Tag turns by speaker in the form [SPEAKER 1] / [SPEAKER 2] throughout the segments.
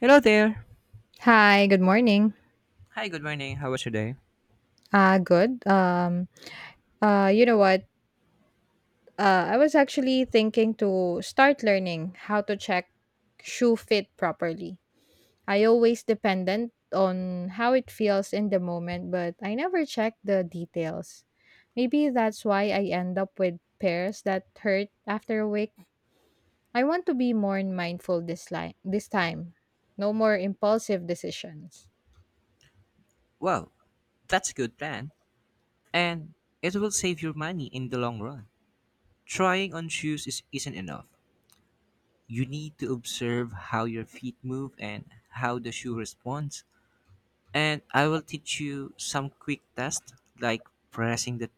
[SPEAKER 1] Hello there.
[SPEAKER 2] Hi, good morning.
[SPEAKER 1] Hi, good morning. How was your day?
[SPEAKER 2] Good. You know what? I was actually thinking to start learning how to check shoe fit properly. I always dependent on how it feels in the moment, but I never check the details. Maybe that's why I end up with pairs that hurt after a week. I want to be more mindful this time. No more impulsive decisions.
[SPEAKER 1] Well, that's a good plan, and it will save your money in the long run. Trying on shoes isn't enough. You need to observe how your feet move and how the shoe responds. And I will teach you some quick tests like pressing the,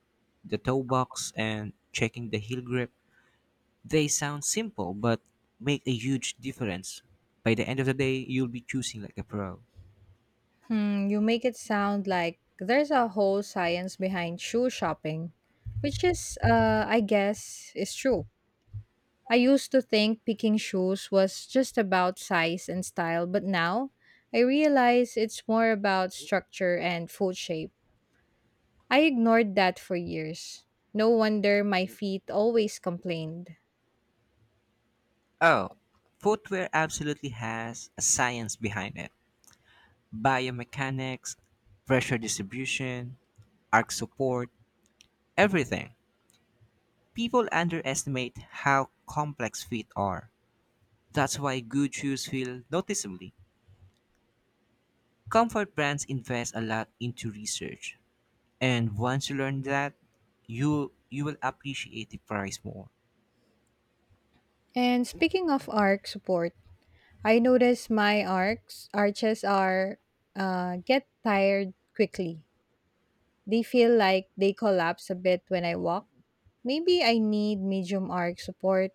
[SPEAKER 1] the toe box and checking the heel grip. They sound simple but make a huge difference. By the end of the day, you'll be choosing like a pro.
[SPEAKER 2] Hmm, you make it sound like there's a whole science behind shoe shopping, which I guess, is true. I used to think picking shoes was just about size and style, but now I realize it's more about structure and foot shape. I ignored that for years. No wonder my feet always complained.
[SPEAKER 1] Oh, footwear absolutely has a science behind it. Biomechanics, pressure distribution, arc support, everything. People underestimate how complex feet are. That's why good shoes feel noticeably. Comfort brands invest a lot into research. And once you learn that, you will appreciate the price more.
[SPEAKER 2] And speaking of arc support, I notice my arcs arches are get tired quickly. They feel like they collapse a bit when I walk. Maybe I need medium arc support.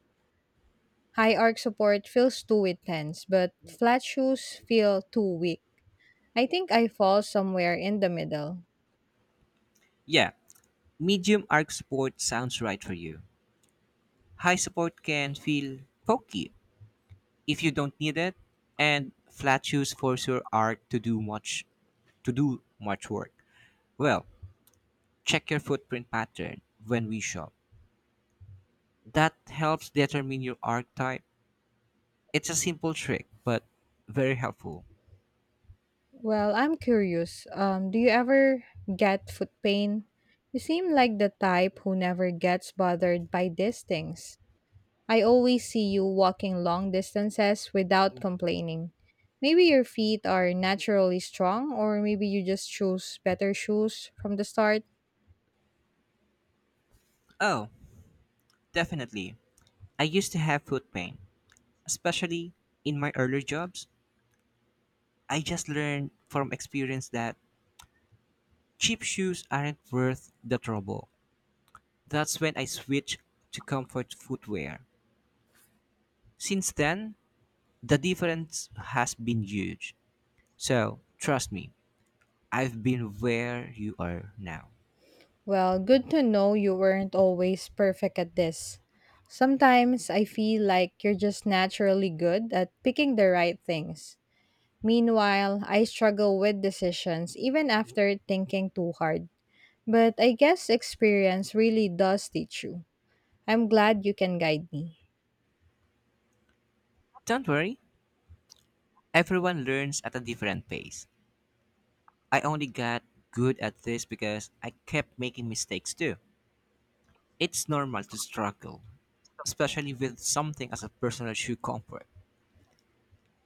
[SPEAKER 2] High arc support feels too intense, but flat shoes feel too weak. I think I fall somewhere in the middle.
[SPEAKER 1] Yeah, medium arc support sounds right for you. High support can feel pokey if you don't need it, and flat shoes force your arch to do much work. Well, check your footprint pattern when we shop. That helps determine your arch type. It's a simple trick but very helpful.
[SPEAKER 2] Well, I'm curious. Do you ever get foot pain? You seem like the type who never gets bothered by these things. I always see you walking long distances without complaining. Maybe your feet are naturally strong, or maybe you just choose better shoes from the start.
[SPEAKER 1] Oh, definitely. I used to have foot pain, especially in my earlier jobs. I just learned from experience that cheap shoes aren't worth the trouble. That's when I switched to comfort footwear. Since then the difference has been huge. So, trust me, I've been where you are now.
[SPEAKER 2] Well, good to know you weren't always perfect at this. Sometimes I feel like you're just naturally good at picking the right things. Meanwhile, I struggle with decisions even after thinking too hard. But I guess experience really does teach you. I'm glad you can guide me.
[SPEAKER 1] Don't worry, everyone learns at a different pace. I only got good at this because I kept making mistakes too. It's normal to struggle, especially with something as a personal shoe comfort.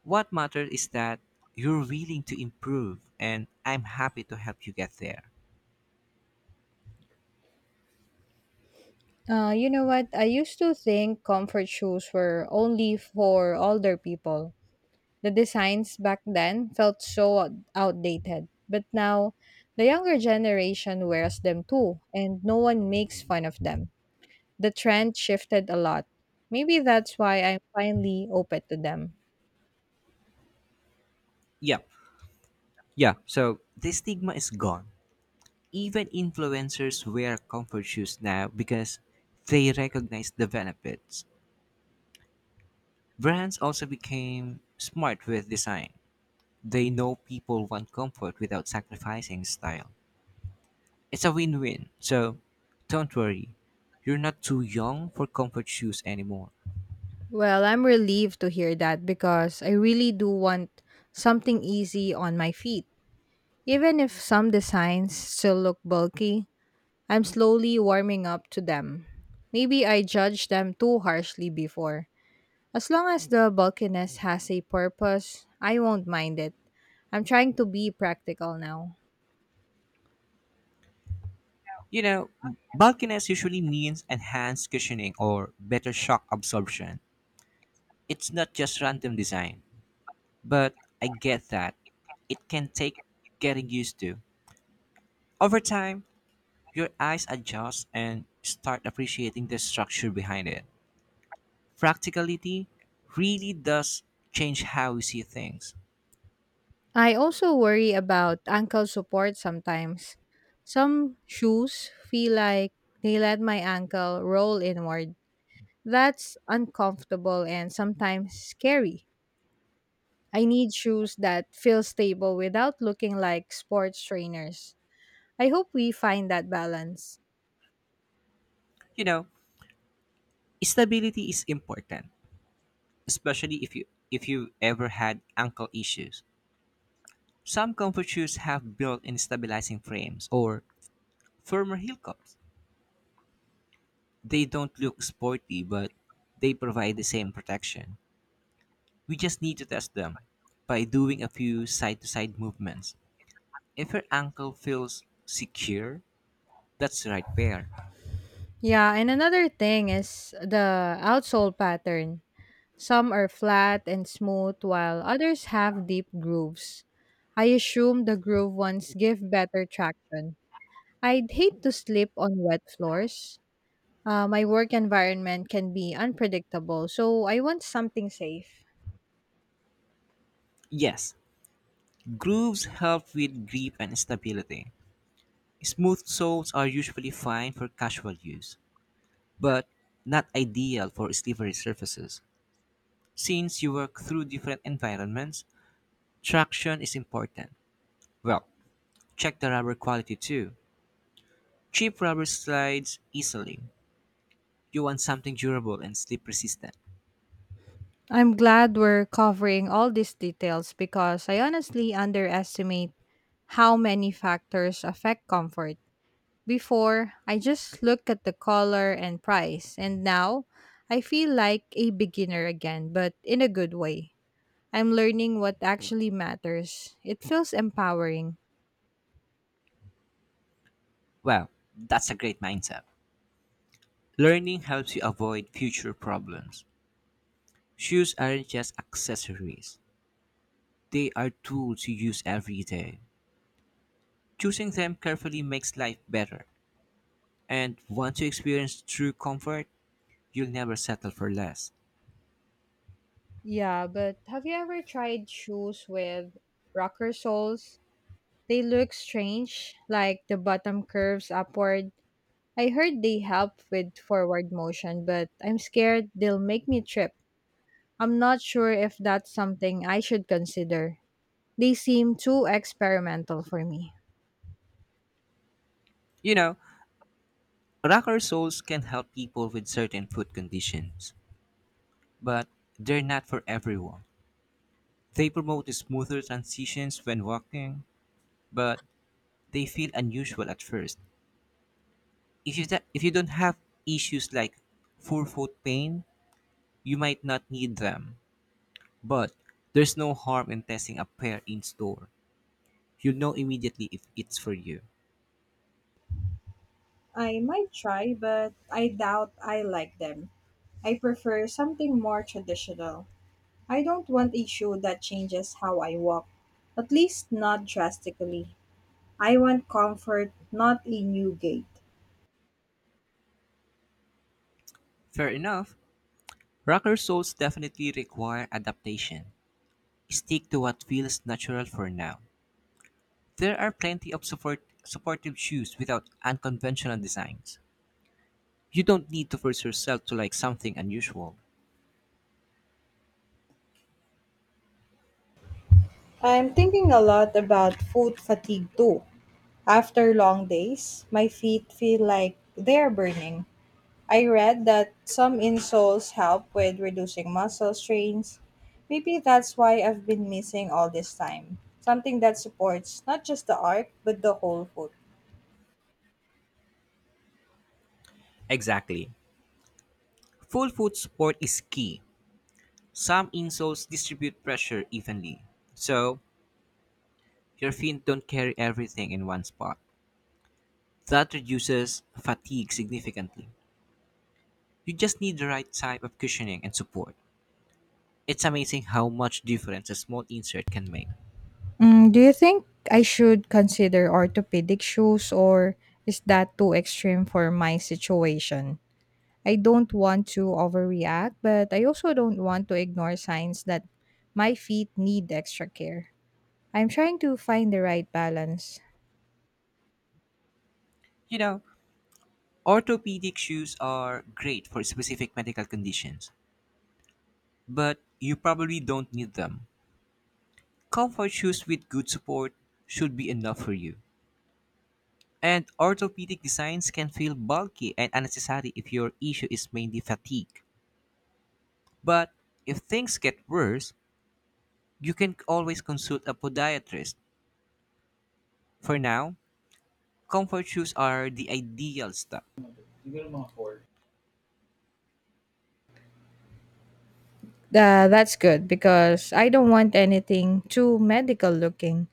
[SPEAKER 1] What matters is that you're willing to improve, and I'm happy to help you get there.
[SPEAKER 2] You know what? I used to think comfort shoes were only for older people. The designs back then felt so outdated, but now the younger generation wears them too, and no one makes fun of them. The trend shifted a lot. Maybe that's why I'm finally open to them.
[SPEAKER 1] Yeah, yeah, so this stigma is gone. Even influencers wear comfort shoes now because they recognize the benefits. Brands also became smart with design. They know people want comfort without sacrificing style. It's a win win. So don't worry, you're not too young for comfort shoes anymore.
[SPEAKER 2] Well, I'm relieved to hear that because I really do want something easy on my feet. Even if some designs still look bulky, I'm slowly warming up to them. Maybe I judged them too harshly before. As long as the bulkiness has a purpose, I won't mind it. I'm trying to be practical now.
[SPEAKER 1] You know, bulkiness usually means enhanced cushioning or better shock absorption. It's not just random design, but I get that it can take getting used to. Over time, your eyes adjust and start appreciating the structure behind it. Practicality really does change how we see things.
[SPEAKER 2] I also worry about ankle support sometimes. Some shoes feel like they let my ankle roll inward. That's uncomfortable and sometimes scary. I need shoes that feel stable without looking like sports trainers. I hope we find that balance.
[SPEAKER 1] You know, stability is important, especially if you ever had ankle issues. Some comfort shoes have built-in stabilizing frames or firmer heel cups. They don't look sporty, but they provide the same protection. We just need to test them by doing a few side-to-side movements. If your ankle feels secure, that's the right pair.
[SPEAKER 2] Yeah, and another thing is the outsole pattern. Some are flat and smooth while others have deep grooves. I assume the groove ones give better traction. I'd hate to sleep on wet floors. My work environment can be unpredictable, so I want something safe.
[SPEAKER 1] Yes, grooves help with grip and stability. Smooth soles are usually fine for casual use, but not ideal for slippery surfaces. Since you work through different environments, traction is important. Well, check the rubber quality too. Cheap rubber slides easily. You want something durable and slip resistant.
[SPEAKER 2] I'm glad we're covering all these details because I honestly underestimate how many factors affect comfort. Before, I just look at the color and price, and now I feel like a beginner again, but in a good way. I'm learning what actually matters. It feels empowering.
[SPEAKER 1] Well, that's a great mindset. Learning helps you avoid future problems. Shoes aren't just accessories, they are tools you use every day. Choosing them carefully makes life better. And want to experience true comfort? You'll never settle for less.
[SPEAKER 2] Yeah, but have you ever tried shoes with rocker soles? They look strange, like the bottom curves upward. I heard they help with forward motion, but I'm scared they'll make me trip. I'm not sure if that's something I should consider. They seem too experimental for me.
[SPEAKER 1] You know, rocker soles can help people with certain foot conditions, but they're not for everyone. They promote smoother transitions when walking, but they feel unusual at first. If you, if you don't have issues like forefoot pain, you might not need them. But there's no harm in testing a pair in store. You'll know immediately if it's for you.
[SPEAKER 2] I might try, but I doubt I like them. I prefer something more traditional. I don't want a shoe that changes how I walk, at least not drastically. I want comfort, not a new gait.
[SPEAKER 1] Fair enough. Rocker soles definitely require adaptation. Stick to what feels natural for now. There are plenty of supportive shoes without unconventional designs. You don't need to force yourself to like something unusual.
[SPEAKER 2] I'm thinking a lot about food fatigue too. After long days, my feet feel like they're burning. I read that some insoles help with reducing muscle strains. Maybe that's why I've been missing all this time. Something that supports not just the arch, but the whole foot.
[SPEAKER 1] Exactly. Full foot support is key. Some insoles distribute pressure evenly, so your feet don't carry everything in one spot. That reduces fatigue significantly. You just need the right type of cushioning and support. It's amazing how much difference a small insert can make.
[SPEAKER 2] Mm, do you think I should consider orthopedic shoes or is that too extreme for my situation? I don't want to overreact, but I also don't want to ignore signs that my feet need extra care. I'm trying to find the right balance.
[SPEAKER 1] You know, orthopedic shoes are great for specific medical conditions, but you probably don't need them. Comfort shoes with good support should be enough for you. And orthopedic designs can feel bulky and unnecessary if your issue is mainly fatigue. But if things get worse, you can always consult a podiatrist. For now, comfort shoes are the ideal stuff.
[SPEAKER 2] That's good because I don't want anything too medical looking.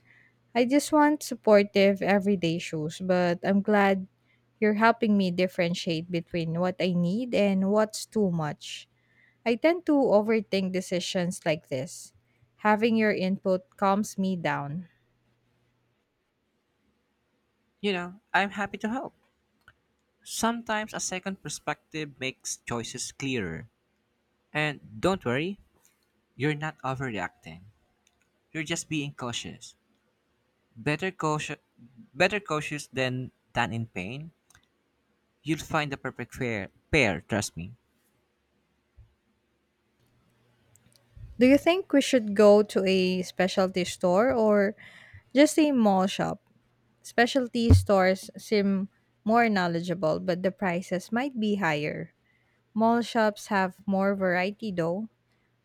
[SPEAKER 2] I just want supportive everyday shoes, but I'm glad you're helping me differentiate between what I need and what's too much. I tend to overthink decisions like this. Having your input calms me down.
[SPEAKER 1] You know, I'm happy to help. Sometimes a second perspective makes choices clearer. And don't worry, you're not overreacting. You're just being cautious. Better cautious, Better cautious than in pain. You'll find the perfect pair, trust me.
[SPEAKER 2] Do you think we should go to a specialty store or just a mall shop? Specialty stores seem more knowledgeable, but the prices might be higher. Mall shops have more variety though.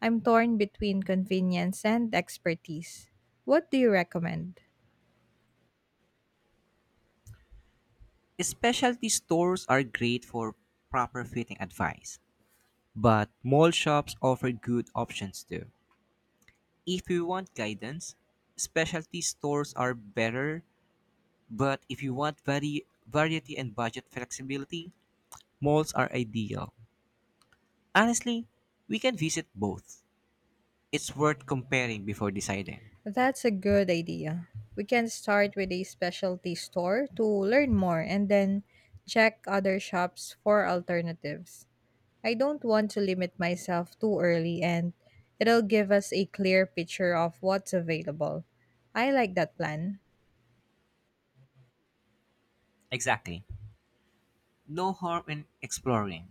[SPEAKER 2] I'm torn between convenience and expertise. What do you recommend?
[SPEAKER 1] Specialty stores are great for proper fitting advice, but mall shops offer good options too. If you want guidance, specialty stores are better. But if you want variety and budget flexibility, malls are ideal. Honestly, we can visit both. It's worth comparing before deciding.
[SPEAKER 2] That's a good idea. We can start with a specialty store to learn more and then check other shops for alternatives. I don't want to limit myself too early and it'll give us a clear picture of what's available. I like that plan.
[SPEAKER 1] Exactly. No harm in exploring.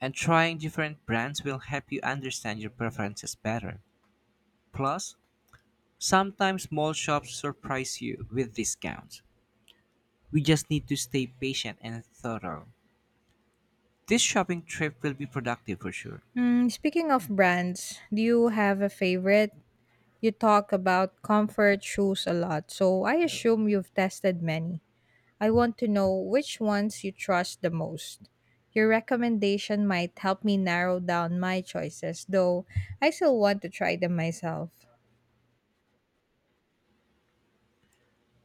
[SPEAKER 1] And trying different brands will help you understand your preferences better. Plus, sometimes mall shops surprise you with discounts. We just need to stay patient and thorough. This shopping trip will be productive for sure.
[SPEAKER 2] Mm, speaking of brands, do you have a favorite? You talk about comfort shoes a lot, so I assume you've tested many. I want to know which ones you trust the most. Your recommendation might help me narrow down my choices, though I still want to try them myself.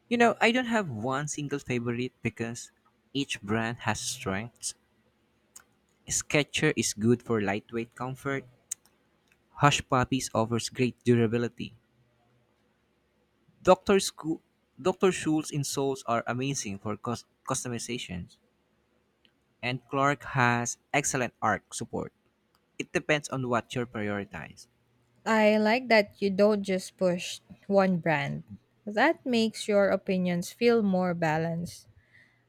[SPEAKER 1] You know, I don't have one single favorite because each brand has strengths. Skechers is good for lightweight comfort. Hush Puppies offers great durability. Dr. Scho- Dr. Schul's insoles are amazing for customizations. And Clark has excellent arc support. It depends on what you prioritize.
[SPEAKER 2] I like that you don't just push one brand. That makes your opinions feel more balanced.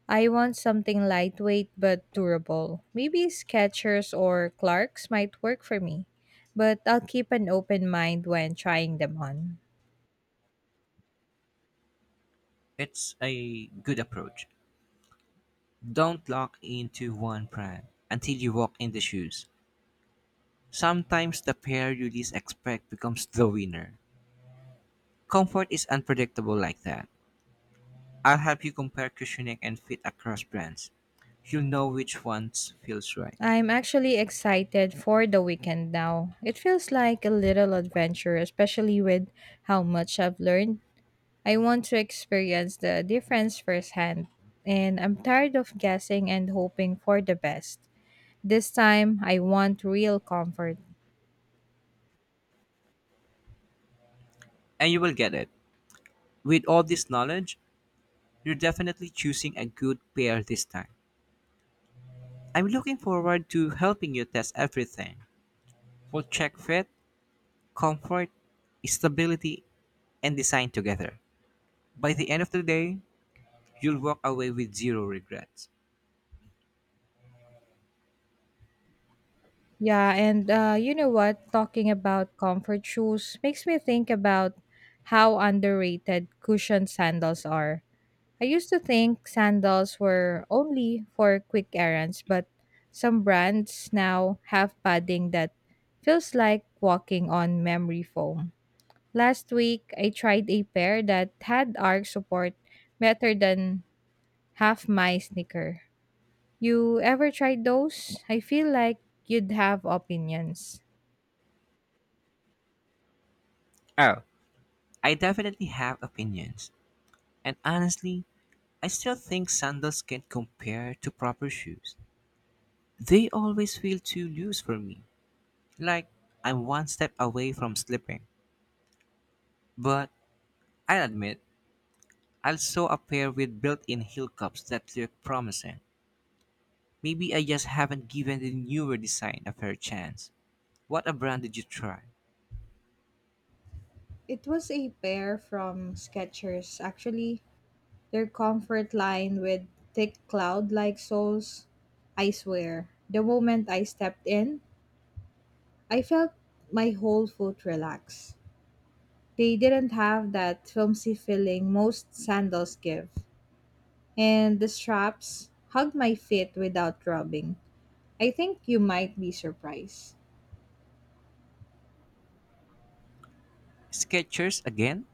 [SPEAKER 2] I want something lightweight but durable. Maybe Skechers or Clarks might work for me, but I'll keep an open mind when trying them on.
[SPEAKER 1] It's a good approach. Don't lock into one brand until you walk in the shoes. Sometimes the pair you least expect becomes the winner. Comfort is unpredictable like that. I'll help you compare cushioning and fit across brands. You'll know which ones feels right.
[SPEAKER 2] I'm actually excited for the weekend now. It feels like a little adventure, especially with how much I've learned. I want to experience the difference firsthand, and I'm tired of guessing and hoping for the best. This time, I want real comfort.
[SPEAKER 1] And you will get it. With all this knowledge, you're definitely choosing a good pair this time. I'm looking forward to helping you test everything. We'll check fit, comfort, stability, and design together. By the end of the day, you'll walk away with zero regrets.
[SPEAKER 2] Yeah, and you know what? Talking about comfort shoes makes me think about how underrated cushioned sandals are. I used to think sandals were only for quick errands, but some brands now have padding that feels like walking on memory foam. Last week, I tried a pair that had arch support better than half my sneaker. You ever tried those? I feel like you'd have opinions.
[SPEAKER 1] Oh, I definitely have opinions. And honestly, I still think sandals can't compare to proper shoes. They always feel too loose for me, like I'm one step away from slipping. But I'll admit, I saw a pair with built in heel cups that look promising. Maybe I just haven't given the newer design a fair chance. What a brand did you try?
[SPEAKER 2] It was a pair from Skechers, actually. Their comfort line with thick cloud like soles. I swear, the moment I stepped in, I felt my whole foot relax. They didn't have that filmy feeling most sandals give, and the straps hugged my feet without rubbing. I think you might be surprised.
[SPEAKER 1] Skechers again?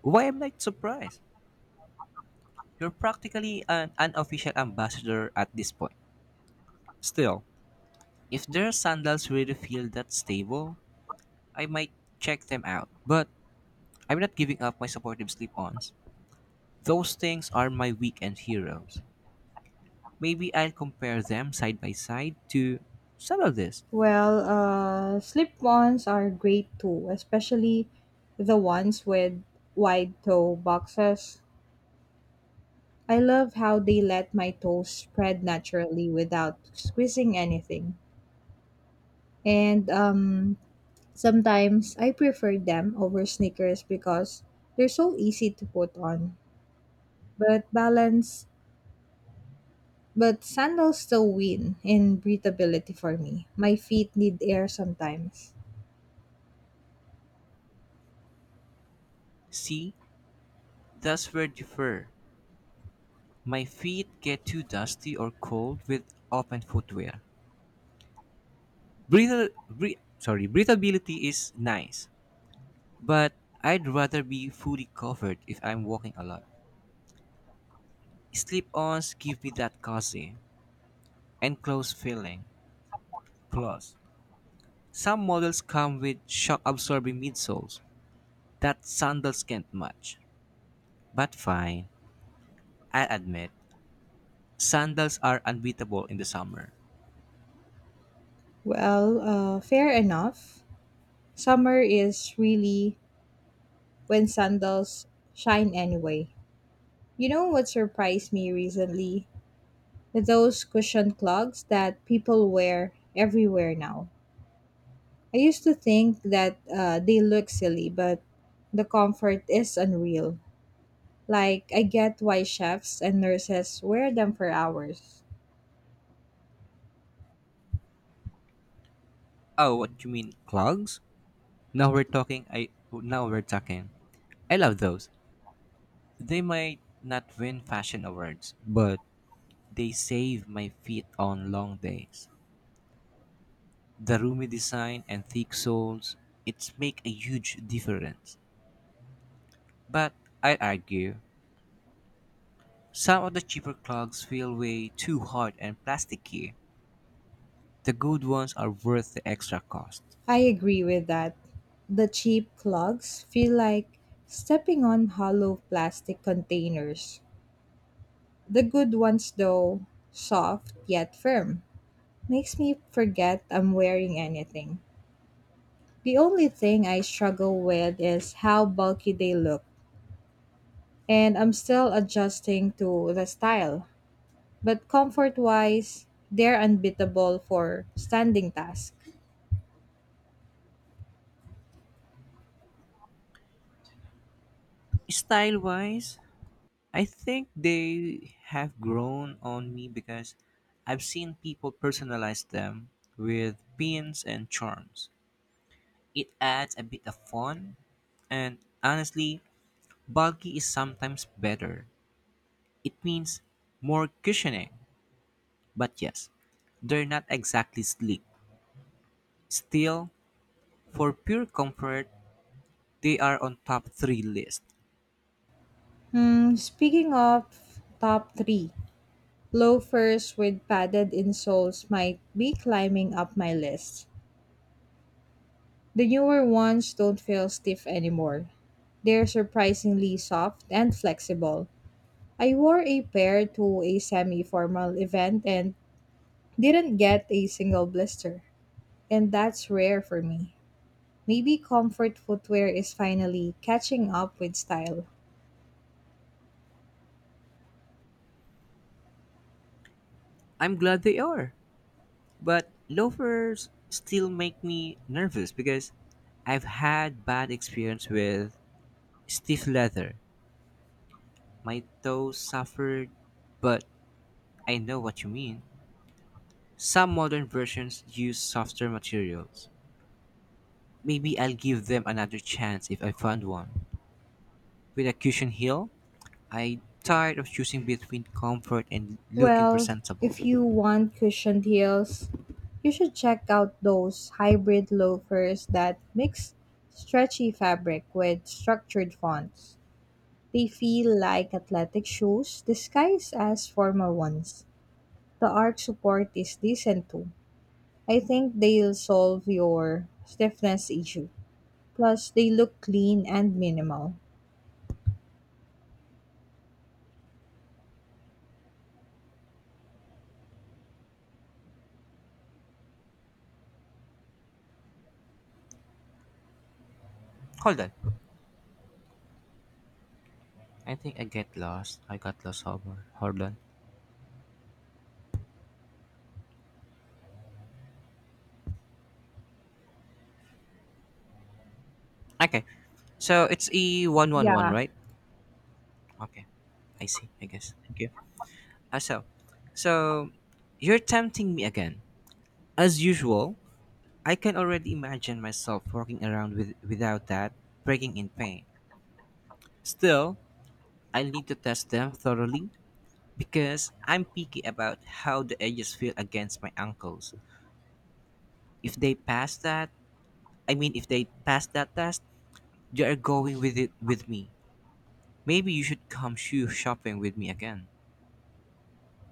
[SPEAKER 1] Why am I surprised? You're practically an unofficial ambassador at this point. Still, if their sandals really feel that stable, I might check them out, but I'm not giving up my supportive sleep ons. Those things are my weekend heroes. Maybe I'll compare them side by side to settle this.
[SPEAKER 2] Slip-ons are great too, especially the ones with wide toe boxes. I love how they let my toes spread naturally without squeezing anything. And Sometimes I prefer them over sneakers because they're so easy to put on. But balance, but sandals still win in breathability for me. My feet need air sometimes.
[SPEAKER 1] See, that's where differ. My feet get too dusty or cold with open footwear. Breathable, sorry, breathability is nice, but I'd rather be fully covered if I'm walking a lot. Slip-ons give me that cozy, enclosed feeling. Plus, some models come with shock absorbing midsoles that sandals can't match. But fine, I'll admit, sandals are unbeatable in the summer.
[SPEAKER 2] Fair enough. Summer is really when sandals shine anyway. You know what surprised me recently? Those cushioned clogs that people wear everywhere now. I used to think that they look silly, but the comfort is unreal. Like, I get why chefs and nurses wear them for hours.
[SPEAKER 1] Oh, what you mean clogs? Now we're talking. I love those. They might not win fashion awards, but they save my feet on long days. The roomy design and thick soles, it's make a huge difference. But I'd argue, some of the cheaper clogs feel way too hard and plasticky. The good ones are worth the extra cost.
[SPEAKER 2] I agree with that. The cheap clogs feel like stepping on hollow plastic containers. The good ones, though, soft yet firm, makes me forget I'm wearing anything. The only thing I struggle with is how bulky they look, and I'm still adjusting to the style. But comfort wise, they're unbeatable for standing tasks.
[SPEAKER 1] Style wise, I think they have grown on me because I've seen people personalize them with pins and charms. It adds a bit of fun, and honestly, bulky is sometimes better. It means more cushioning, but yes, they're not exactly sleek. Still, for pure comfort, they are on top three list.
[SPEAKER 2] Hmm, speaking of top three, loafers with padded insoles might be climbing up my list. The newer ones don't feel stiff anymore. They're surprisingly soft and flexible. I wore a pair to a semi formal event and didn't get a single blister. And that's rare for me. Maybe comfort footwear is finally catching up with style.
[SPEAKER 1] I'm glad they are, but loafers still make me nervous because I've had bad experience with stiff leather. My toes suffered, but I know what you mean. Some modern versions use softer materials. Maybe I'll give them another chance if I find one. With a cushion heel, I tired of choosing between comfort and looking
[SPEAKER 2] Well, if
[SPEAKER 1] presentable.
[SPEAKER 2] you want cushioned heels, you should check out those hybrid loafers that mix stretchy fabric with structured fonts. They feel like athletic shoes disguised as formal ones. The art support is decent too. I think they'll solve your stiffness issue. Plus, they look clean and minimal.
[SPEAKER 1] Hold on. I think I get lost. I got lost somewhere. Hold on. Okay. So it's E111,
[SPEAKER 2] Yeah.
[SPEAKER 1] right? Okay. I see, I guess. Thank you. Uh, so so you're tempting me again. As usual, I can already imagine myself walking around without that, breaking in pain. Still, I need to test them thoroughly because I'm picky about how the edges feel against my ankles. If they pass that I mean, if they pass that test, they are going with it with me. Maybe you should come shoe shopping with me again.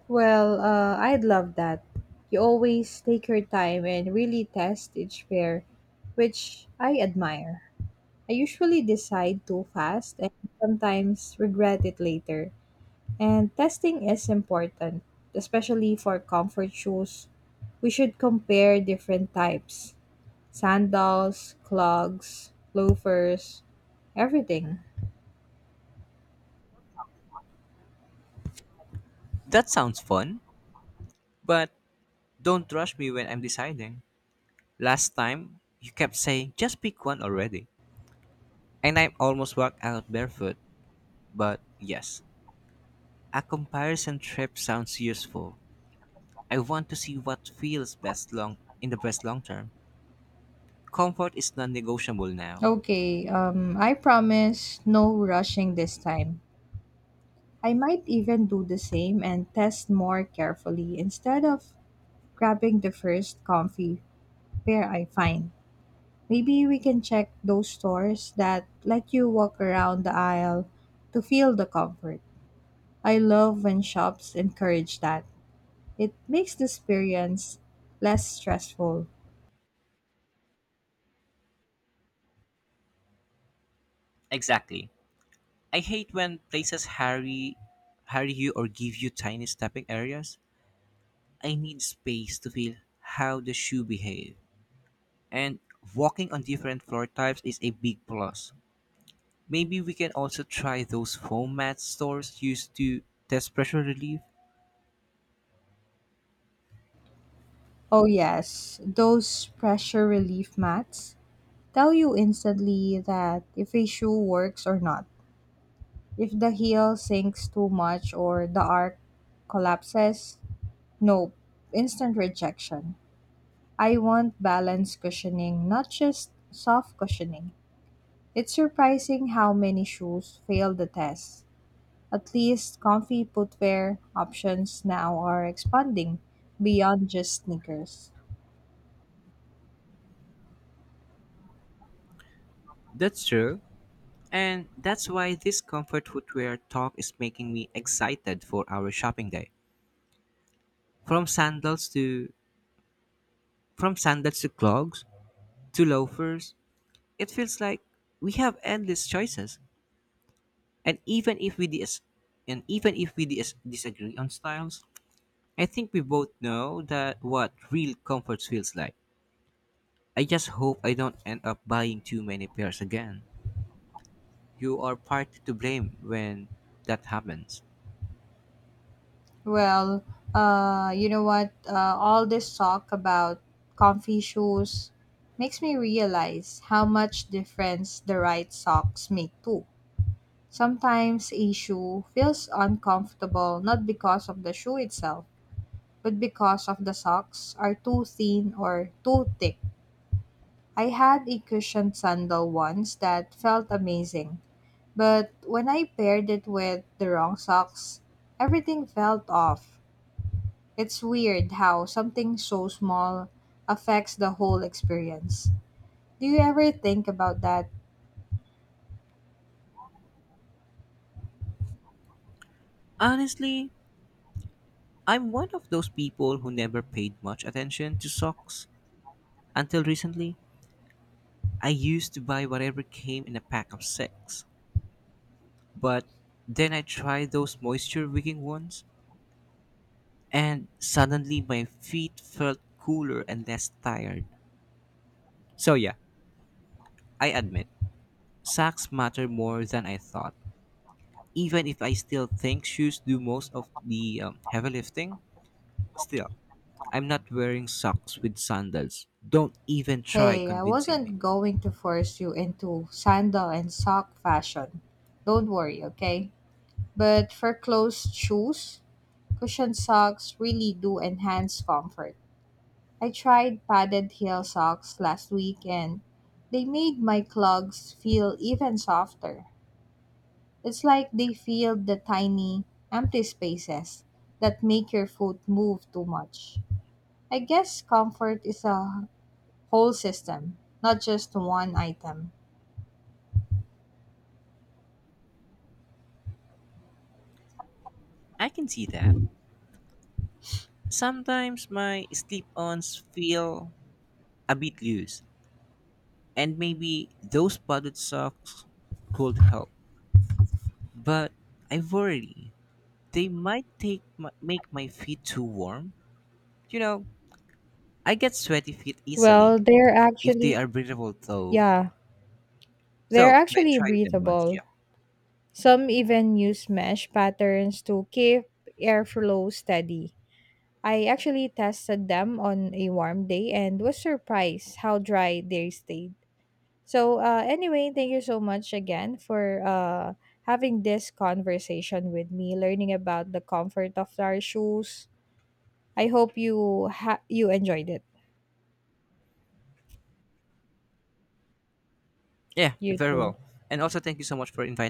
[SPEAKER 2] I'd love that. You always take your time and really test each pair, which I admire. I usually decide too fast and sometimes regret it later. And testing is important, especially for comfort shoes. We should compare different types sandals, clogs, loafers, everything.
[SPEAKER 1] That sounds fun, but don't rush me when I'm deciding. Last time, you kept saying just pick one already, and I almost walked out barefoot. But yes, a comparison trip sounds useful. I want to see what feels best long term. Comfort is non-negotiable now.
[SPEAKER 2] Okay, I promise no rushing this time. I might even do the same and test more carefully instead of grabbing the first comfy pair I find. Maybe we can check those stores that let you walk around the aisle to feel the comfort. I love when shops encourage that. It makes the experience less stressful.
[SPEAKER 1] Exactly. I hate when places hurry you or give you tiny stepping areas. I need space to feel how the shoe behaves. And walking on different floor types is a big plus. Maybe we can also try those foam mat stores used to test pressure relief.
[SPEAKER 2] Oh, yes, those pressure relief mats tell you instantly that if a shoe works or not. If the heel sinks too much or the arc collapses, nope, instant rejection. I want balanced cushioning, not just soft cushioning. It's surprising how many shoes fail the test. At least comfy footwear options now are expanding beyond just sneakers.
[SPEAKER 1] That's true. And that's why this comfort footwear talk is making me excited for our shopping day. From sandals to from sandals to clogs to loafers, it feels like we have endless choices. And even if we dis- and even if we dis- disagree on styles, I think we both know that what real comfort feels like. I just hope I don't end up buying too many pairs again. You are partly to blame when that happens.
[SPEAKER 2] Well, you know what? All this talk about comfy shoes makes me realize how much difference the right socks make too. Sometimes a shoe feels uncomfortable not because of the shoe itself, but because of the socks are too thin or too thick. I had a cushioned sandal once that felt amazing. But when I paired it with the wrong socks, everything felt off. It's weird how something so small affects the whole experience. Do you ever think about that?
[SPEAKER 1] Honestly, I'm one of those people who never paid much attention to socks. Until recently, I used to buy whatever came in a pack of 6. But then I tried those moisture wicking ones, and suddenly my feet felt cooler and less tired. So, yeah, I admit, socks matter more than I thought. Even if I still think shoes do most of the heavy lifting, still, I'm not wearing socks with sandals. Don't even try
[SPEAKER 2] Hey, I
[SPEAKER 1] convincing me.
[SPEAKER 2] wasn't going to force you into sandal and sock fashion. Don't worry, okay? But for closed shoes, cushioned socks really do enhance comfort. I tried padded heel socks last week and they made my clogs feel even softer. It's like they filled the tiny, empty spaces that make your foot move too much. I guess comfort is a whole system, not just one item.
[SPEAKER 1] I can see that. Sometimes my slip ons feel a bit loose, and maybe those padded socks could help. But I worry they might make my feet too warm. You know, I get sweaty feet easily
[SPEAKER 2] Well, they're
[SPEAKER 1] if they are
[SPEAKER 2] actually,
[SPEAKER 1] breathable, though.
[SPEAKER 2] yeah, they're
[SPEAKER 1] So I
[SPEAKER 2] actually
[SPEAKER 1] tried them once, yeah.
[SPEAKER 2] breathable. Some even use mesh patterns to keep airflow steady. I actually tested them on a warm day and was surprised how dry they stayed. So, anyway, thank you so much again for having this conversation with me, learning about the comfort of our shoes. I hope you you enjoyed it.
[SPEAKER 1] Yeah,
[SPEAKER 2] You
[SPEAKER 1] very
[SPEAKER 2] too.
[SPEAKER 1] well. And also, thank you so much for inviting